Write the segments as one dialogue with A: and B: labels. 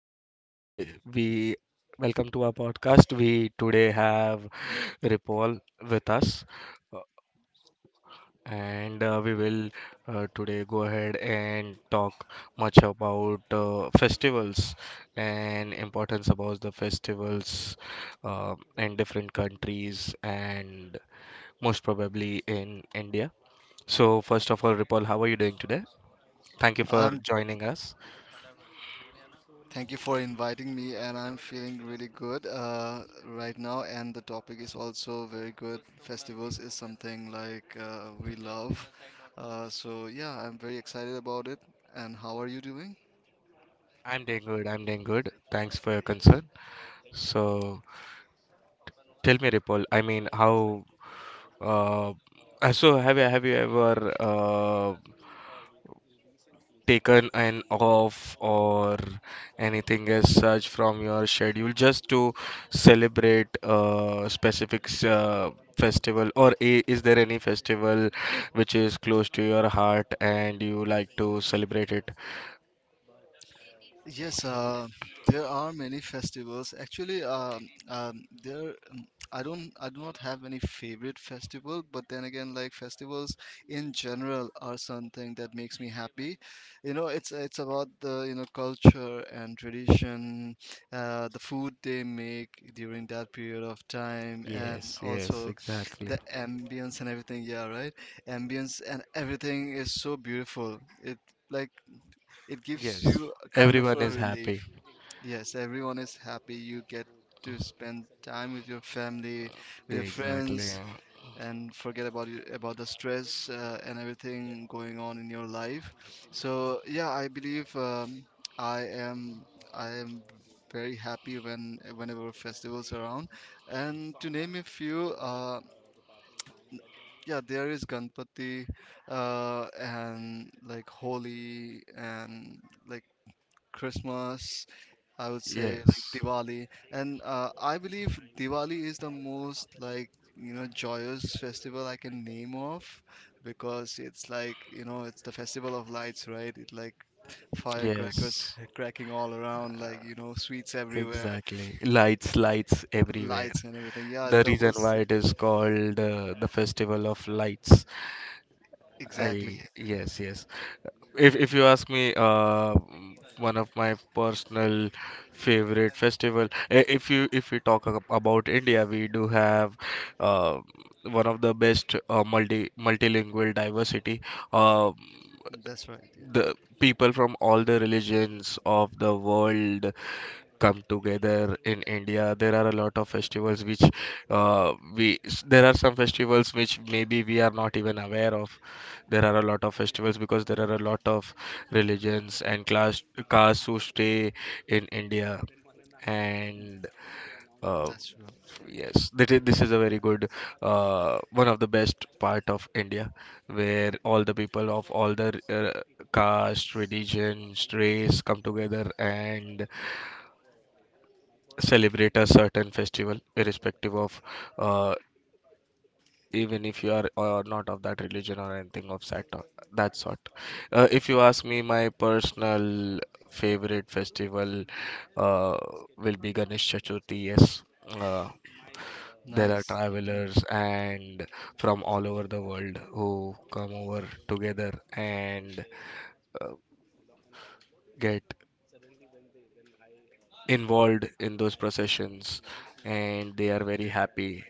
A: today we welcome to our podcast. We today have Ripal with us, uh, and we will today go ahead and talk much about festivals and importance about the festivals in different countries and most probably in India. So, first of all, Ripal, how are you doing today? Thank you for
B: Um,
A: joining us.
B: thank you for inviting me, and I'm feeling really good right now. And the topic is also very good. Festivals is something like, we love. So yeah, I'm very excited about it. And how are you doing?
A: I'm doing good. I'm doing good. Thanks for your concern. So tell me, Ripple. I mean, how? Uh, so have you ever taken an off or anything as such from your schedule just to celebrate a specific festival, or is there any festival which is close to your heart and you like to celebrate it?
B: Yes, there are many festivals. Actually, there I do not have any favorite festival, but then again, like, festivals in general are something that makes me happy. It's about the, culture and tradition, the food they make during that period of time, and
A: Yes, yes,
B: also
A: exactly.
B: the ambience and everything. Yeah, right. Ambience and everything is so beautiful. Like it gives
A: Yes,
B: you a kind of
A: everyone
B: a
A: is happy.
B: relief. Yes, everyone is happy. You get to spend time with your family, with your
A: Exactly.
B: friends, and forget about you, about the stress and everything going on in your life. So yeah, I believe, I am I am very happy whenever festivals are around. And to name a few, yeah, there is Ganpati, and, like, Holi, and, like, Christmas. I would say, like,
A: Yes,
B: Diwali, and I believe Diwali is the most, like, joyous festival I can name off, because it's, like, it's the festival of lights, right? It, like, firecrackers
A: yes.
B: cracking all around, like, sweets everywhere,
A: Exactly. Lights, lights everywhere.
B: lights and everything. Yeah,
A: The reason why it is called the Festival of Lights.
B: exactly.
A: I Yes, yes. If you ask me, one of my personal favorite festival. If you if we talk about India, we do have uh, one of the best multilingual diversity. Uh,
B: That's right. Yeah,
A: the people from all the religions of the world come together in India. There are a lot of festivals which there are some festivals which maybe we are not even aware of. There are a lot of festivals because there are a lot of religions and class castes who stay in India and. Uh,
B: that's true.
A: Yes, that is, this is a very good, one of the best part of India, where all the people of all the caste, religions, race come together and celebrate a certain festival, irrespective of uh, even if you are not of that religion or anything of that that sort. If you ask me, my personal favorite festival uh, will be Ganesh Chaturthi. Yes, uh, there are
B: Nice. Yeah.
A: travelers and from all over the world who come over together and uh, get involved in those processions and they are very happy.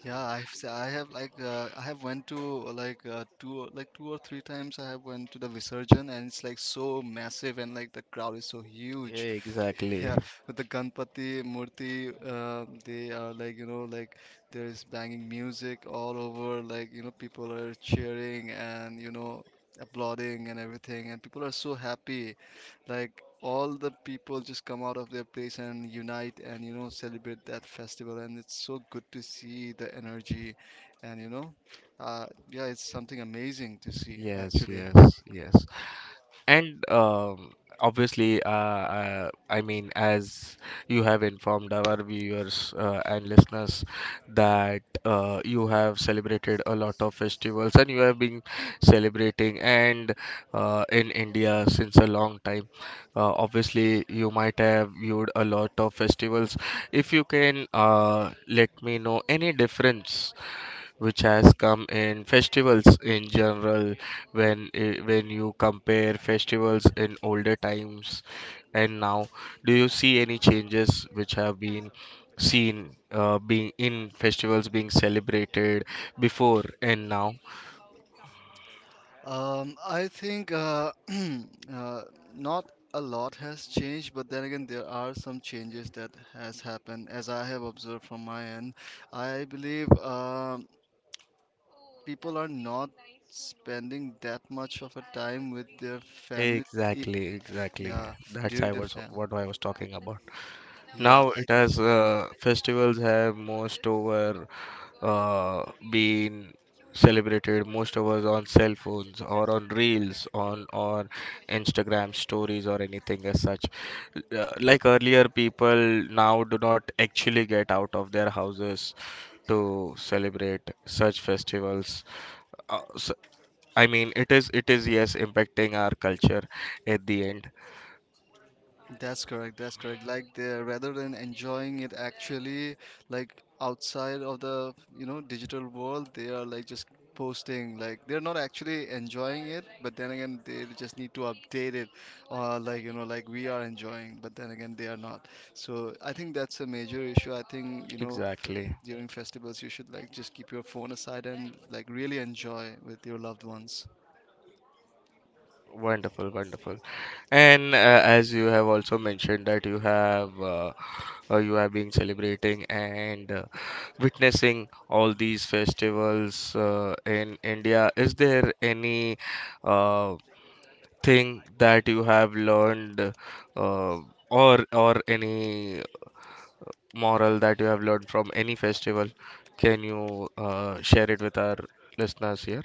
B: Yeah, I have, like, I have went to, like, two or three times I have went to the Visarjan, and it's, like, so massive, and, like, the crowd is so huge.
A: Exactly.
B: Yeah, with the Ganpati Murti, they are, like, like, there is banging music all over, like, people are cheering, and, applauding and everything, and people are so happy. Like, all the people just come out of their place and unite and, celebrate that festival, and it's so good to see the energy, and, yeah, it's something amazing to see
A: Yes,
B: actually.
A: yes, yes. And obviously, I mean, as you have informed our viewers and listeners that you have celebrated a lot of festivals and you have been celebrating and in India since a long time. Obviously, you might have viewed a lot of festivals. If you can let me know any difference which has come in festivals in general when when you compare festivals in older times and now, do you see any changes which have been seen being in festivals being celebrated before and now?
B: I think uh, not a lot has changed, but then again there are some changes that has happened, as I have observed from my end. I believe, people are not spending that much of a time with their family. i-
A: Exactly, exactly,
B: yeah.
A: that's
B: during
A: I
B: the
A: was
B: fam
A: what I was talking about. Now
B: Yeah, I
A: it
B: do
A: has
B: feel that.
A: festivals have most over uh, been celebrated most of us on cell phones or on reels on Instagram stories or anything as such. Like earlier people now do not actually get out of their houses to celebrate such festivals, so, I mean it is yes impacting our culture at the end.
B: That's correct. That's correct. Like, they, rather than enjoying it actually, like, outside of the, digital world, they are, like, just posting, like, they're not actually enjoying it, but then again they just need to update it, like, like, we are enjoying, but then again they are not. So I think that's a major issue. I think,
A: Exactly.
B: during festivals you should, like, just keep your phone aside and, like, really enjoy with your loved ones.
A: Wonderful, wonderful.
B: Yeah.
A: And as you have also mentioned that you have been celebrating and witnessing all these festivals in India, is there any uh, thing that you have learned uh, or any moral that you have learned from any festival? Can you share it with our listeners here?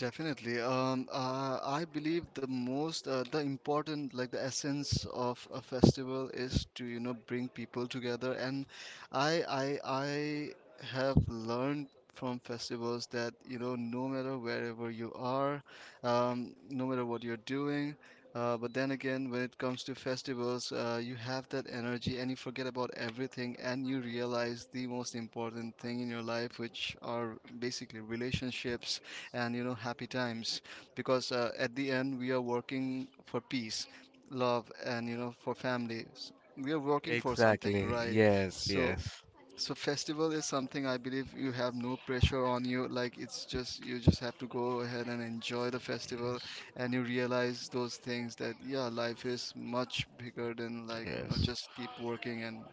B: Definitely. I believe the most, the important, like, the essence of a festival is to, bring people together. And I have learned from festivals that, no matter wherever you are, no matter what you're doing, but then again, when it comes to festivals, you have that energy and you forget about everything, and you realize the most important thing in your life, which are basically relationships and, happy times, because, at the end we are working for peace, love, and, for families. We are working for something,
A: Exactly.
B: right?
A: Yes,
B: So
A: yes,
B: festival is something, I believe, you have no pressure on you. Like, it's just, you just have to go ahead and enjoy the festival.
A: yes,
B: And you realize those things, that, yeah, life is much bigger than, like,
A: yes.
B: just keep working and,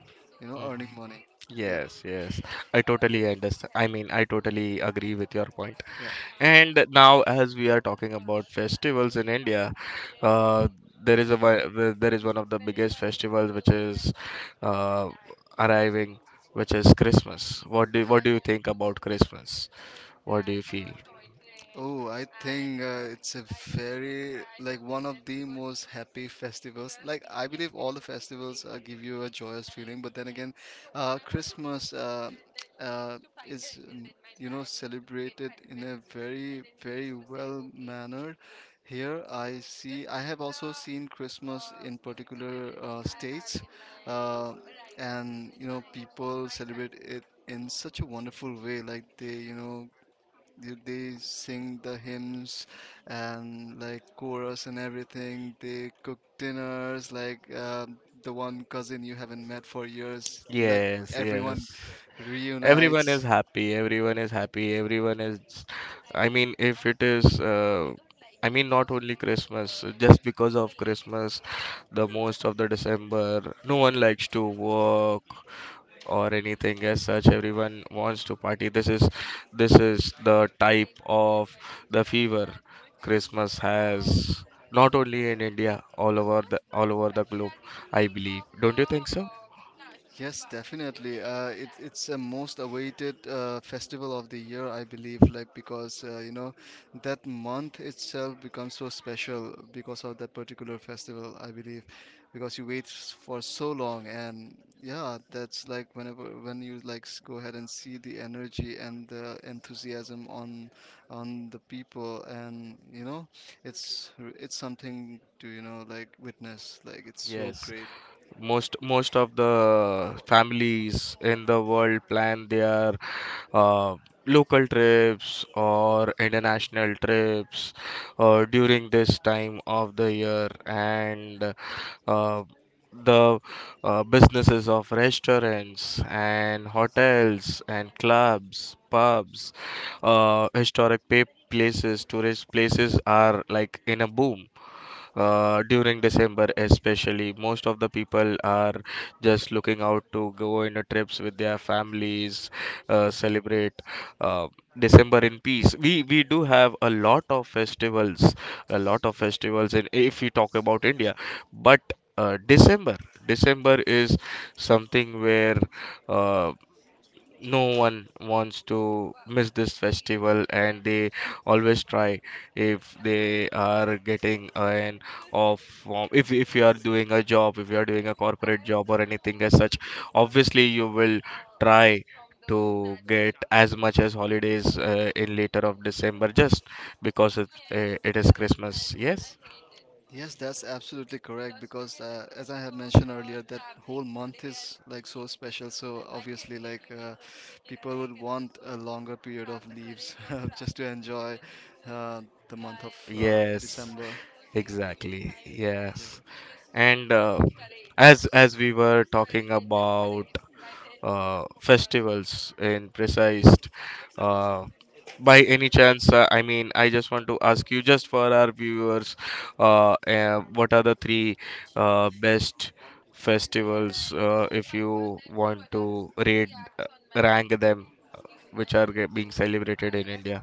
B: earning money. Yeah.
A: Yes, yes. I totally understand. I mean, I totally agree with your point.
B: Yeah.
A: And now, as we are talking about festivals in India, uh, there is a there is one of the biggest festivals which is uh, arriving, which is Christmas. What do you think about Christmas? What do you feel?
B: Oh, I think it's a very, like, one of the most happy festivals. Like, I believe all the festivals give you a joyous feeling, but then again, Christmas uh, is celebrated in a very, very well manner. Here, I have also seen Christmas in particular states, uh, and, people celebrate it in such a wonderful way, like, they sing the hymns and, like, chorus and everything. They cook dinners, like, the one cousin you haven't met for years, like,
A: Yes,
B: everyone
A: yes. Everyone is
B: reunites.
A: happy, everyone is happy, everyone is. I mean if it is I mean not only Christmas, just because of Christmas the most of the December no one likes to work or anything as such, everyone wants to party. This is this is the type of the fever Christmas has, not only in India, all over the globe. I believe, don't you think so?
B: Yes, definitely. It's a most awaited festival of the year, I believe, like, because, that month itself becomes so special because of that particular festival, I believe, because you wait for so long, and, yeah, that's, like, when you, like, go ahead and see the energy and the enthusiasm on the people, and, it's it's something to, like, witness. Like, it's so
A: Yes,
B: great.
A: most of the families in the world plan their uh, local trips or international trips during this time of the year, and uh, the businesses of restaurants and hotels and clubs, pubs, historic places, tourist places are like in a boom during December, especially most of the people are just looking out to go in a trips with their families, celebrate uh, December in peace. We do have a lot of festivals, a lot of festivals in, if you talk about India, but uh, December December is something where uh, no one wants to miss this festival and they always try, if they are getting an off, if you are doing a job, if you are doing a corporate job or anything as such, obviously you will try to get as much as holidays in later of December, just because it it is Christmas. Yes,
B: Yes, that's absolutely correct, because, as I have mentioned earlier, that whole month is, like, so special. So obviously, like, people would want a longer period of leaves just to enjoy uh, the month of
A: yes,
B: December.
A: exactly,
B: Yeah.
A: yes. And as we were talking about festivals in precise, uh, by any chance I mean I just want to ask you, just for our viewers, what are the three best festivals if you want to rate, rank them, which are being celebrated in India?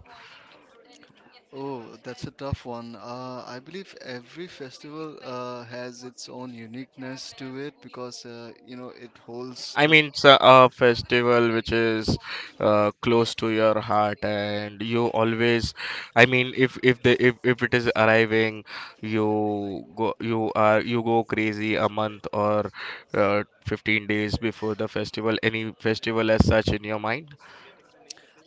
B: Oh, that's a right tough one. I believe every festival has its own uniqueness to it, because, it holds
A: I
B: the.
A: mean, it's a festival which is close to your heart, and you always, I mean, if the if it is arriving, you go you go crazy a month or 15 days before the festival, any festival as such in your mind?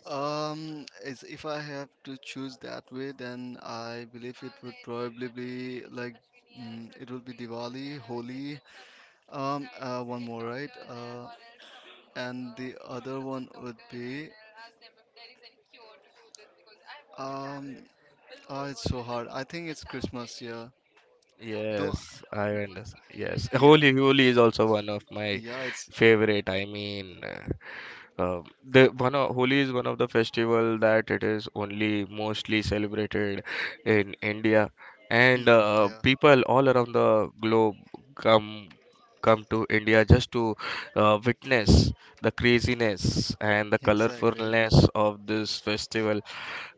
B: Is If I have to choose that way, then I believe it would probably be, like, it will be Diwali, Holi, one more, right? And the other one would be, um, oh, it's so hard. I think it's Christmas, yeah. Though,
A: Yes, I understand. Yes,
B: yeah,
A: Holi is also one of my
B: yeah,
A: favorite. I mean. Uh, the one of Holi is one of the festival that it is only mostly celebrated in India,
B: mm,
A: and
B: yeah,
A: people all around the globe come come to India just to witness the craziness and the
B: exactly.
A: colorfulness of this festival.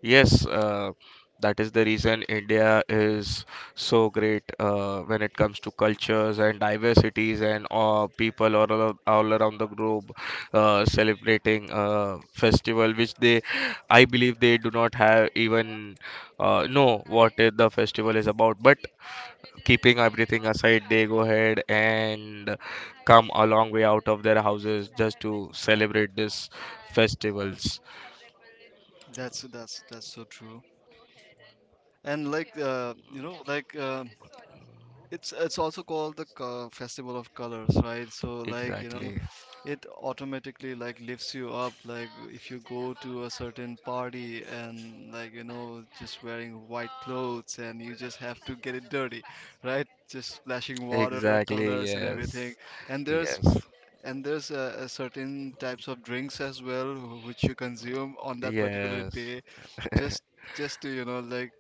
A: Yes, that is the reason India is so great when it comes to cultures and diversities and people all around the globe celebrating a festival which they, I believe, they do not have even know what the festival is about. But keeping everything aside, they go ahead and come a long way out of their houses just to celebrate these festivals.
B: That's so true. And, like, like, it's also called the, Festival of Colors, right? So, like,
A: Exactly.
B: it automatically, like, lifts you up. Like, if you go to a certain party and, like, just wearing white clothes and you just have to get it dirty, right? Just splashing water,
A: Exactly,
B: colors, and everything.
A: yes.
B: And there's
A: Yes.
B: and there's certain types of drinks as well, which you consume on that particular
A: Yes.
B: day, just just to, like,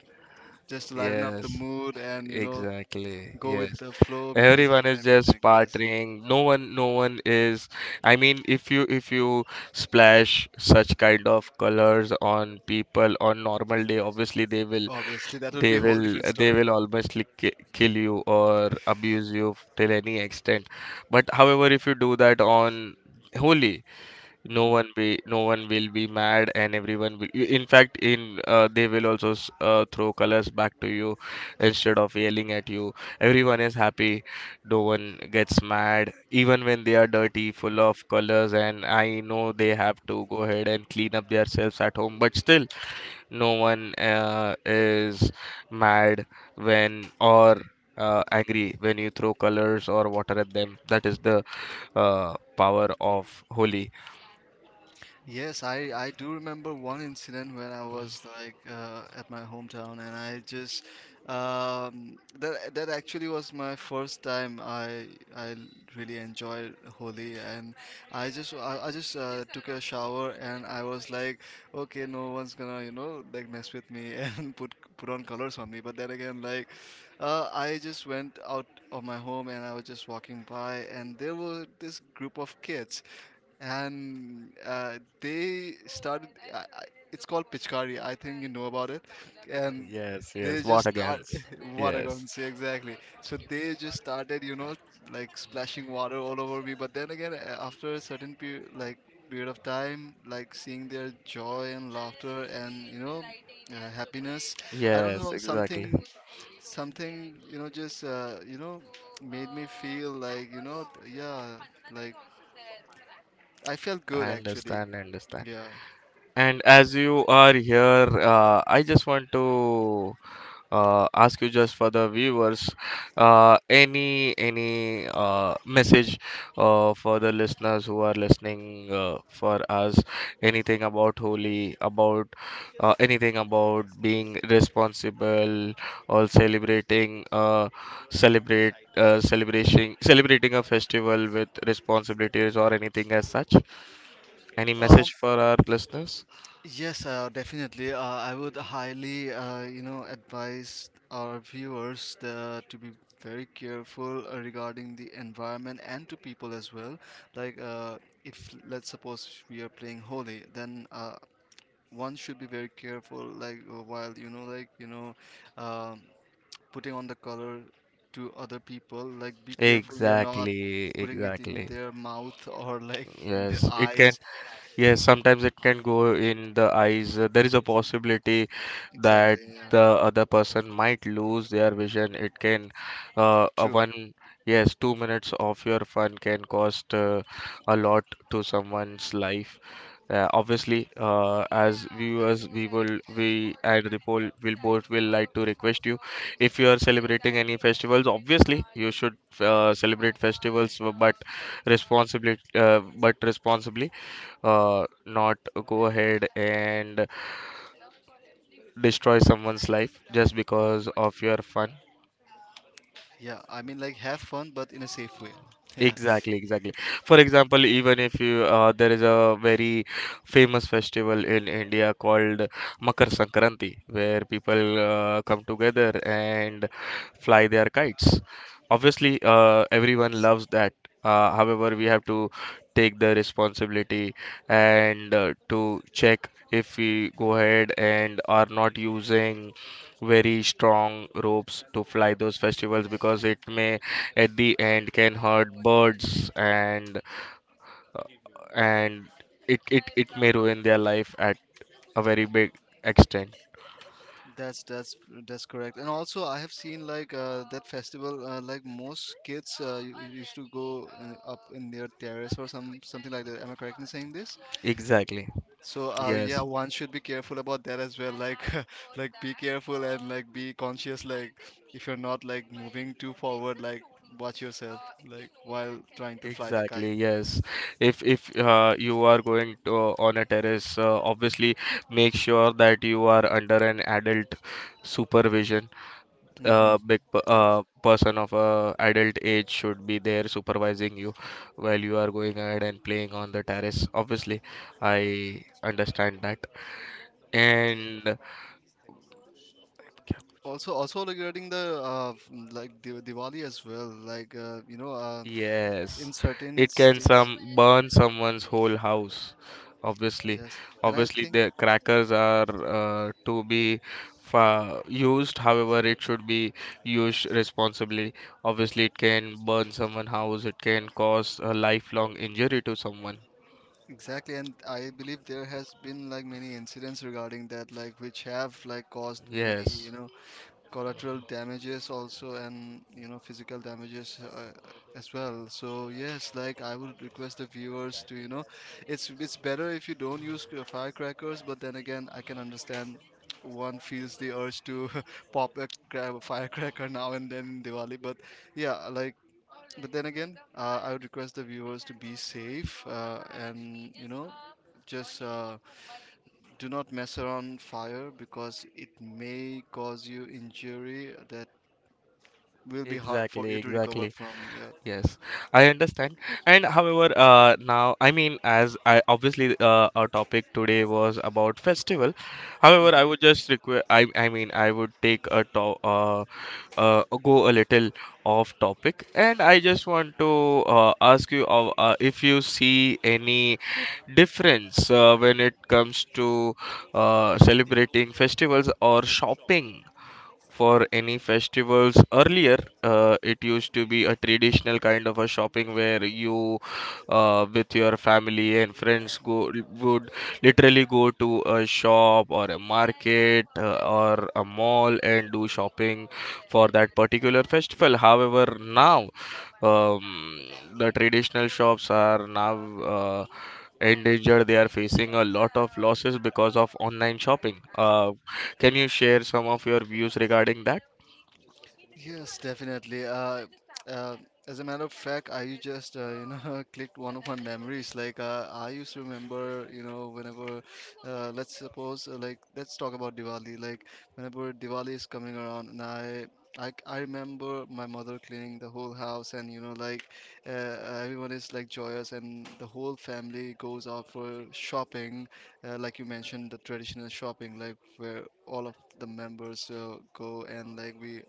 B: just to lighten up the
A: Yes.
B: mood and,
A: Exactly.
B: go with
A: Yes.
B: the flow, music
A: Everyone
B: and
A: is
B: everything.
A: just
B: Yes,
A: partying. No one, is. I mean if you splash such kind of colors on people on normal day, obviously they will,
B: obviously that would
A: they
B: be a whole
A: will
B: different
A: they
B: story.
A: will almost kill you or abuse you till any extent. But however if you do that on Holi, no one will be mad, and everyone will in fact in they will also throw colors back to you instead of yelling at you. Everyone is happy, no one gets mad even when they are dirty full of colors, and I know they have to go ahead and clean up themselves at home, but still no one is mad when, or angry when you throw colors or water at them. That is the power of Holi.
B: Yes, I do remember one incident when I was, like, at my hometown, and I just that that actually was my first time. I really enjoyed Holi, and I just took a shower, and I was, like, okay, no one's gonna, like, mess with me and put on colors on me, but then again, like, I just went out of my home and I was just walking by, and there were this group of kids, and, they started. It's called Pichkari. I think you know about it, and
A: Yes,
B: they
A: yes. What
B: just start
A: against?
B: water
A: Yes.
B: guns. Yeah, exactly. So they just started, like, splashing water all over me, but then again, after a certain period of time, like, seeing their joy and laughter and, happiness. I don't
A: Yes,
B: know,
A: exactly.
B: something, just, made me feel, like, yeah, like, I felt good
A: I
B: actually.
A: understand, I understand.
B: Yeah.
A: And as you are here, I just want to ask you, just for the viewers, any message for the listeners who are listening for us, anything about Holi, about anything about being responsible or celebrating celebrate celebrating celebrating a festival with responsibilities or anything as such. Any
B: Um,
A: message for our listeners?
B: Yes, definitely. I would highly, advise our viewers, to be very careful regarding the environment and to people as well. Like, if, let's suppose, we are playing Holi, then, one should be very careful, like, while, like, um, putting on the color to other people. Like, be careful you're not
A: Exactly,
B: putting it in
A: exactly.
B: their mouth or like in their
A: Yes, it can.
B: eyes.
A: Yes, sometimes it can go in the eyes. There is a possibility that
B: Exactly. Yeah.
A: the other person might lose their vision. It can, uh, a
B: True.
A: one, yes, 2 minutes of your fun can cost a lot to someone's life. Obviously, as viewers, we will, we and Ripple will both will like to request you, if you are celebrating any festivals. Obviously, you should celebrate festivals, but responsibly, but responsibly not go ahead and destroy someone's life just because of your fun.
B: Yeah, I mean, like, have fun, but in a safe way. Yeah.
A: Exactly, exactly. For example, even if you there is a very famous festival in India called Makar Sankranti, where people come together and fly their kites. Obviously, everyone
B: Yes,
A: loves that. However, we have to take the responsibility and to check if we go ahead and are not using very strong ropes to fly those festivals, because it may at the end can hurt birds, and and it may ruin their life at a very big extent.
B: that's that's that's correct. And also, I have seen, like, that festival. Like most kids, used to go, up in their terrace, or something like that. Am I correct in saying this?
A: Exactly.
B: So
A: Yes.
B: yeah, one should be careful about that as well. Like, like, be careful, and, like, be conscious. Like, if you're not, like, moving too forward, like, watch yourself. Like, while trying to fly the kite.
A: Exactly. Yes. If you are going to on a terrace, obviously make sure that you are under an adult supervision.
B: Mm-hmm.
A: A
B: Yeah.
A: person of adult age should be there supervising you while you are going ahead and playing on the terrace. Obviously, I understand that. And
B: Also regarding the f- m- like Di Diwali as well,
A: yes,
B: in certain
A: it can
B: states,
A: some burn someone's whole house. Obviously,
B: yes, and I
A: obviously,
B: think
A: the crackers are to be fa used. However, it should be used responsibly. Obviously, it can burn someone's house. It can cause a lifelong injury to someone.
B: exactly, and I believe there has been like many incidents regarding that, like which have like caused many,
A: Yes,
B: you know, collateral damages also, and you know, physical damages as well. So yes, like I would request the viewers to, you know, it's better if you don't use firecrackers, but then again I can understand one feels the urge to pop a firecracker now and then in Diwali, but yeah, like, but then again, I would request the viewers to be safe, and you know, just do not mess around fire, because it may cause you injury that will be hard for
A: exactly,
B: you to recover
A: exactly.
B: from. Yeah.
A: Yes, I understand. And however, now, I mean, as I obviously our topic today was about festival. However,
B: Hmm.
A: I would just request. I mean, I would take a to uh go a little off topic, and I just want to ask you of if you see any difference when it comes to celebrating festivals or shopping for any festivals earlier. It used to be a traditional kind of a shopping where you, with your family and friends, go would literally go to a shop or a market, or a mall, and do shopping for that particular festival. However, now, um, the traditional shops are now, uh, endangered. They are facing a lot of losses because of online shopping. Can you share some of your views regarding that?
B: Yes, definitely. Uh, as a matter of fact, I just, you know, clicked one of my memories. I used to remember, you know, whenever let's suppose, like, let's talk about Diwali. Like, whenever Diwali is coming around, I remember my mother cleaning the whole house, and you know, like, everyone is like joyous, and the whole family goes out for shopping, like you mentioned, the traditional shopping, like where all of the members go, and like we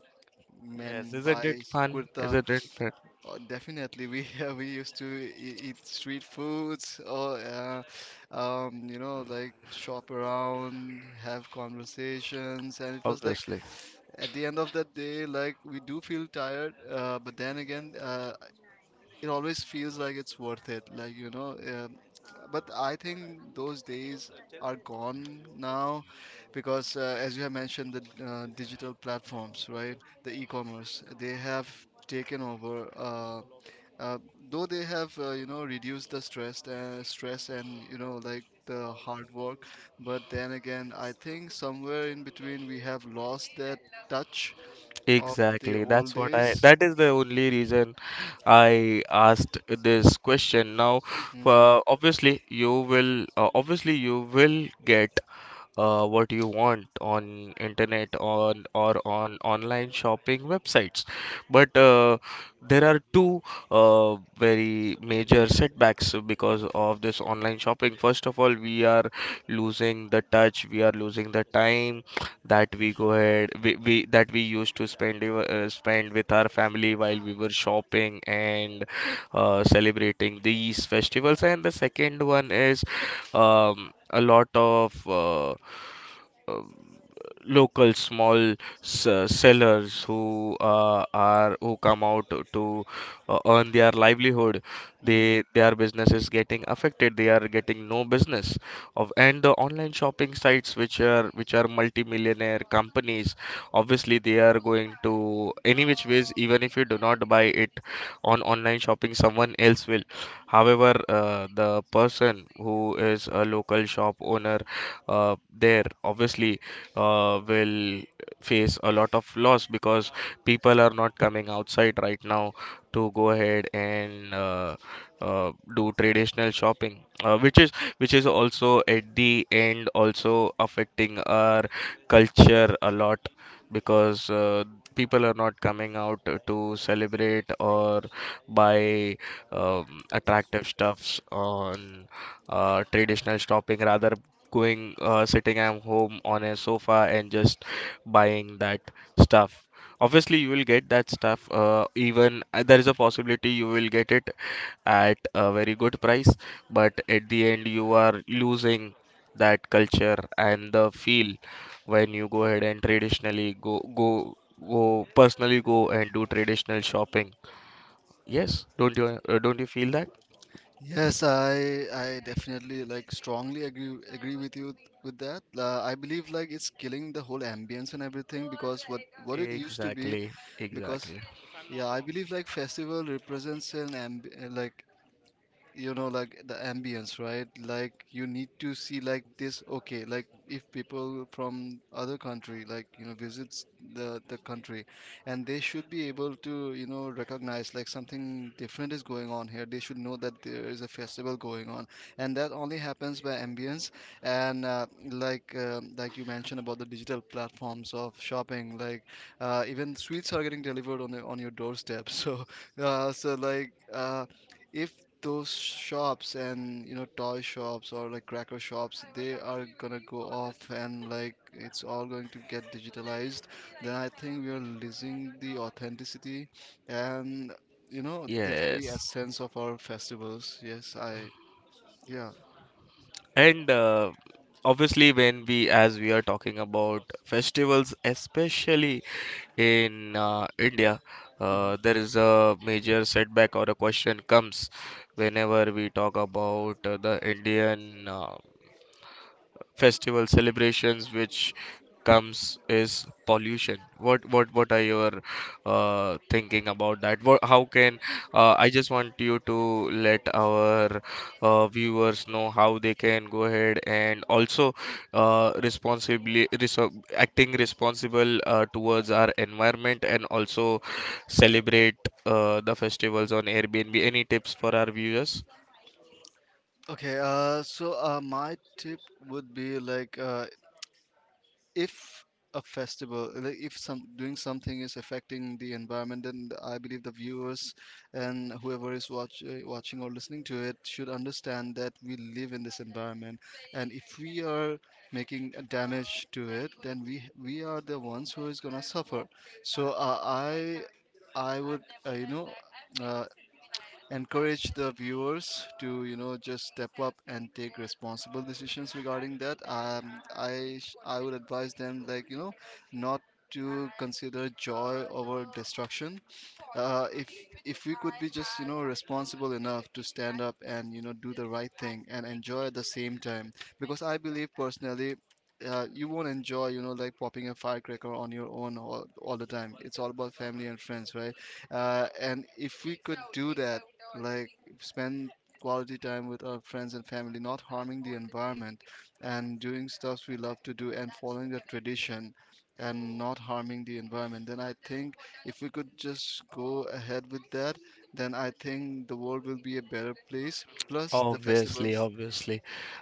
A: Yes,
B: men
A: isn't it
B: buys
A: fun,
B: kurta.
A: isn't it fun?
B: Definitely, we we used to eat street foods, or you know, like shop around, have conversations, and it was like,
A: Obviously.
B: at the end of the day, like we do feel tired, but then again, it always feels like it's worth it, like you know, but I think those days are gone now, because as you have mentioned, the digital platforms, right, the e-commerce, they have taken over uh, though they have, you know, reduced the stress and you know, like the hard work, but then again I think somewhere in between we have lost that touch of the
A: Exactly,
B: old
A: that's what I
B: days.
A: that is the only reason I asked this question now.
B: Hmm.
A: Obviously you will, obviously you will get what you want on internet on or on online shopping websites, but there are two very major setbacks because of this online shopping. First of all, we are losing the touch, we are losing the time that we go ahead we that we used to spend spend with our family while we were shopping and celebrating these festivals. And the second one is, a lot of uh, local small sellers who are, who come out to earn their livelihood, they, their business is getting affected, they are getting no business of. And the online shopping sites, which are, which are multi-millionaire companies, obviously they are going to any which ways. Even if you do not buy it on online shopping, someone else will. However, the person who is a local shop owner, there obviously will face a lot of loss, because people are not coming outside right now to go ahead and do traditional shopping, which is also at the end also affecting our culture a lot, because people are not coming out to celebrate or buy attractive stuffs on traditional shopping, rather going sitting at home on a sofa and just buying that stuff. Obviously, you will get that stuff. Even there is a possibility you will get it at a very good price, but at the end, you are losing that culture and the feel when you go ahead and traditionally go go go personally go and do traditional shopping. Yes, don't you feel that?
B: Yes, I definitely like strongly agree with you with that. I believe like it's killing the whole ambience and everything, because what it used to be,
A: Exactly,
B: because
A: exactly.
B: yeah, I believe like festival represents an amb like, you know, like the ambience, right, like you need to see like this. Okay, like if people from other country, like you know, visits the country, and they should be able to, you know, recognize like something different is going on here. They should know that there is a festival going on, and that only happens by ambience. And like, like you mentioned about the digital platforms of shopping, like, even sweets are getting delivered on on your doorstep. So, uh, so like uh, if those shops and you know, toy shops or like cracker shops, they are gonna go off, and like it's all going to get digitalized, then I think we are losing the authenticity and you know, the very
A: Yes.
B: essence of our festivals. Yes, I yeah
A: And obviously, as we are talking about festivals, especially in India,
B: hmm.
A: there is a major setback or a question comes whenever we talk about the Indian festival celebrations, which comes, is pollution. What are your thinking about that? How can, I just want you to let our viewers know how they can go ahead and also responsibly acting responsible towards our environment, and also celebrate the festivals on airbnb. Any tips for our viewers?
B: Okay, so my tip would be like, if a festival, like if some doing something is affecting the environment, then I believe the viewers and whoever is watch, watching or listening to it should understand that we live in this environment, and if we are making a damage to it, then we are the ones who is gonna suffer. So I would, you know, uh, encourage the viewers to, you know, just step up and take responsible decisions regarding that. I would advise them, like, you know, not to consider joy over destruction. Uh, if if we could be just, you know, responsible enough to stand up and, you know, do the right thing and enjoy at the same time, because I believe personally, you won't enjoy, you know, like popping a firecracker on your own, all the time. It's all about family and friends, right? And if we could do that, like spend quality time with our friends and family, not harming the environment, and doing stuff we love to do and following the tradition and not harming the environment, then I think if we could just go ahead with that, then I think the world will be a better place. Plus the
A: Obviously,
B: festivals,
A: obviously.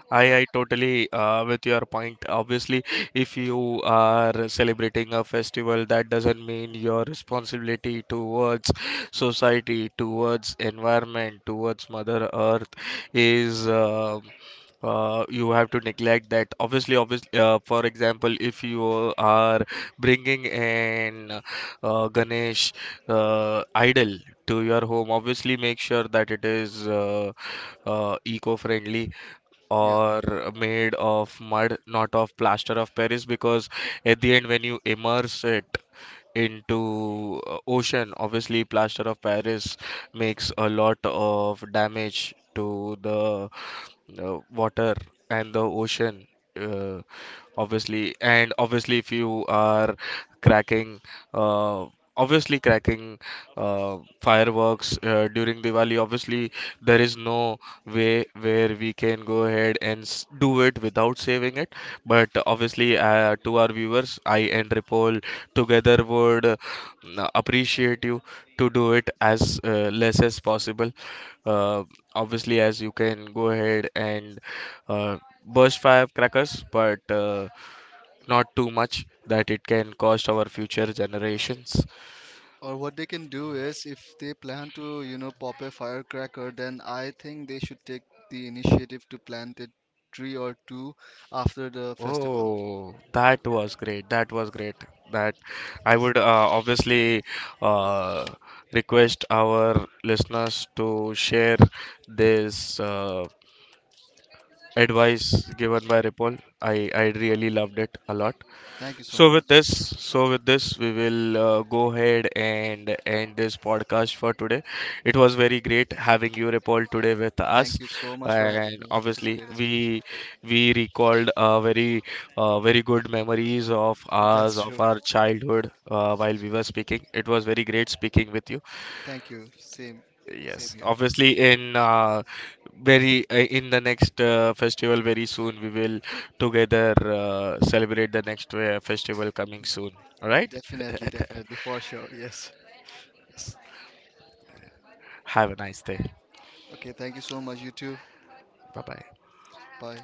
B: yeah,
A: I totally with your point. Obviously, if you are celebrating a festival, that doesn't mean your responsibility towards society, towards environment, towards Mother Earth is you have to neglect that. Obviously, obviously, for example, if you are bringing an Ganesh idle to your home, obviously make sure that it is eco-friendly
B: yeah.
A: or made of mud, not of plaster of paris, because at the end when you immerse it into ocean, obviously plaster of paris makes a lot of damage to the water and the ocean. uh, Obviously, and obviously if you are cracking, uh, obviously cracking fireworks during Diwali, obviously there is no way where we can go ahead and do it without saving it. But obviously, to our viewers, I and Ripple together would appreciate you to do it as less as possible. Uh, Obviously, as you can go ahead and uh, burst firecrackers, but not too much that it can cost our future generations.
B: Or what they can do is, if they plan to, you know, pop a firecracker, then I think they should take the initiative to plant a tree or two after the festival.
A: Oh, that was great. That was great. That I
B: Yes.
A: would obviously uh, request our listeners to share this advice given by Ripple. I really loved it a lot.
B: Thank you so much.
A: So with this, we will go ahead and end this podcast for today. It was very great having you, Ripple, today with us,
B: Thank you so much for having
A: and
B: me. It was
A: obviously
B: great as well.
A: we recalled very good memories of ours,
B: That's
A: of
B: true.
A: our childhood, while we were speaking. It was very great speaking with you.
B: Thank you. Same, same
A: Yes,
B: here.
A: obviously in very in the next festival very soon, we will together celebrate the next festival coming soon. All right?
B: Definitely, definitely, for sure. Yes.
A: Have a nice day.
B: Okay, thank you so much, you too.
A: Bye bye.
B: Bye.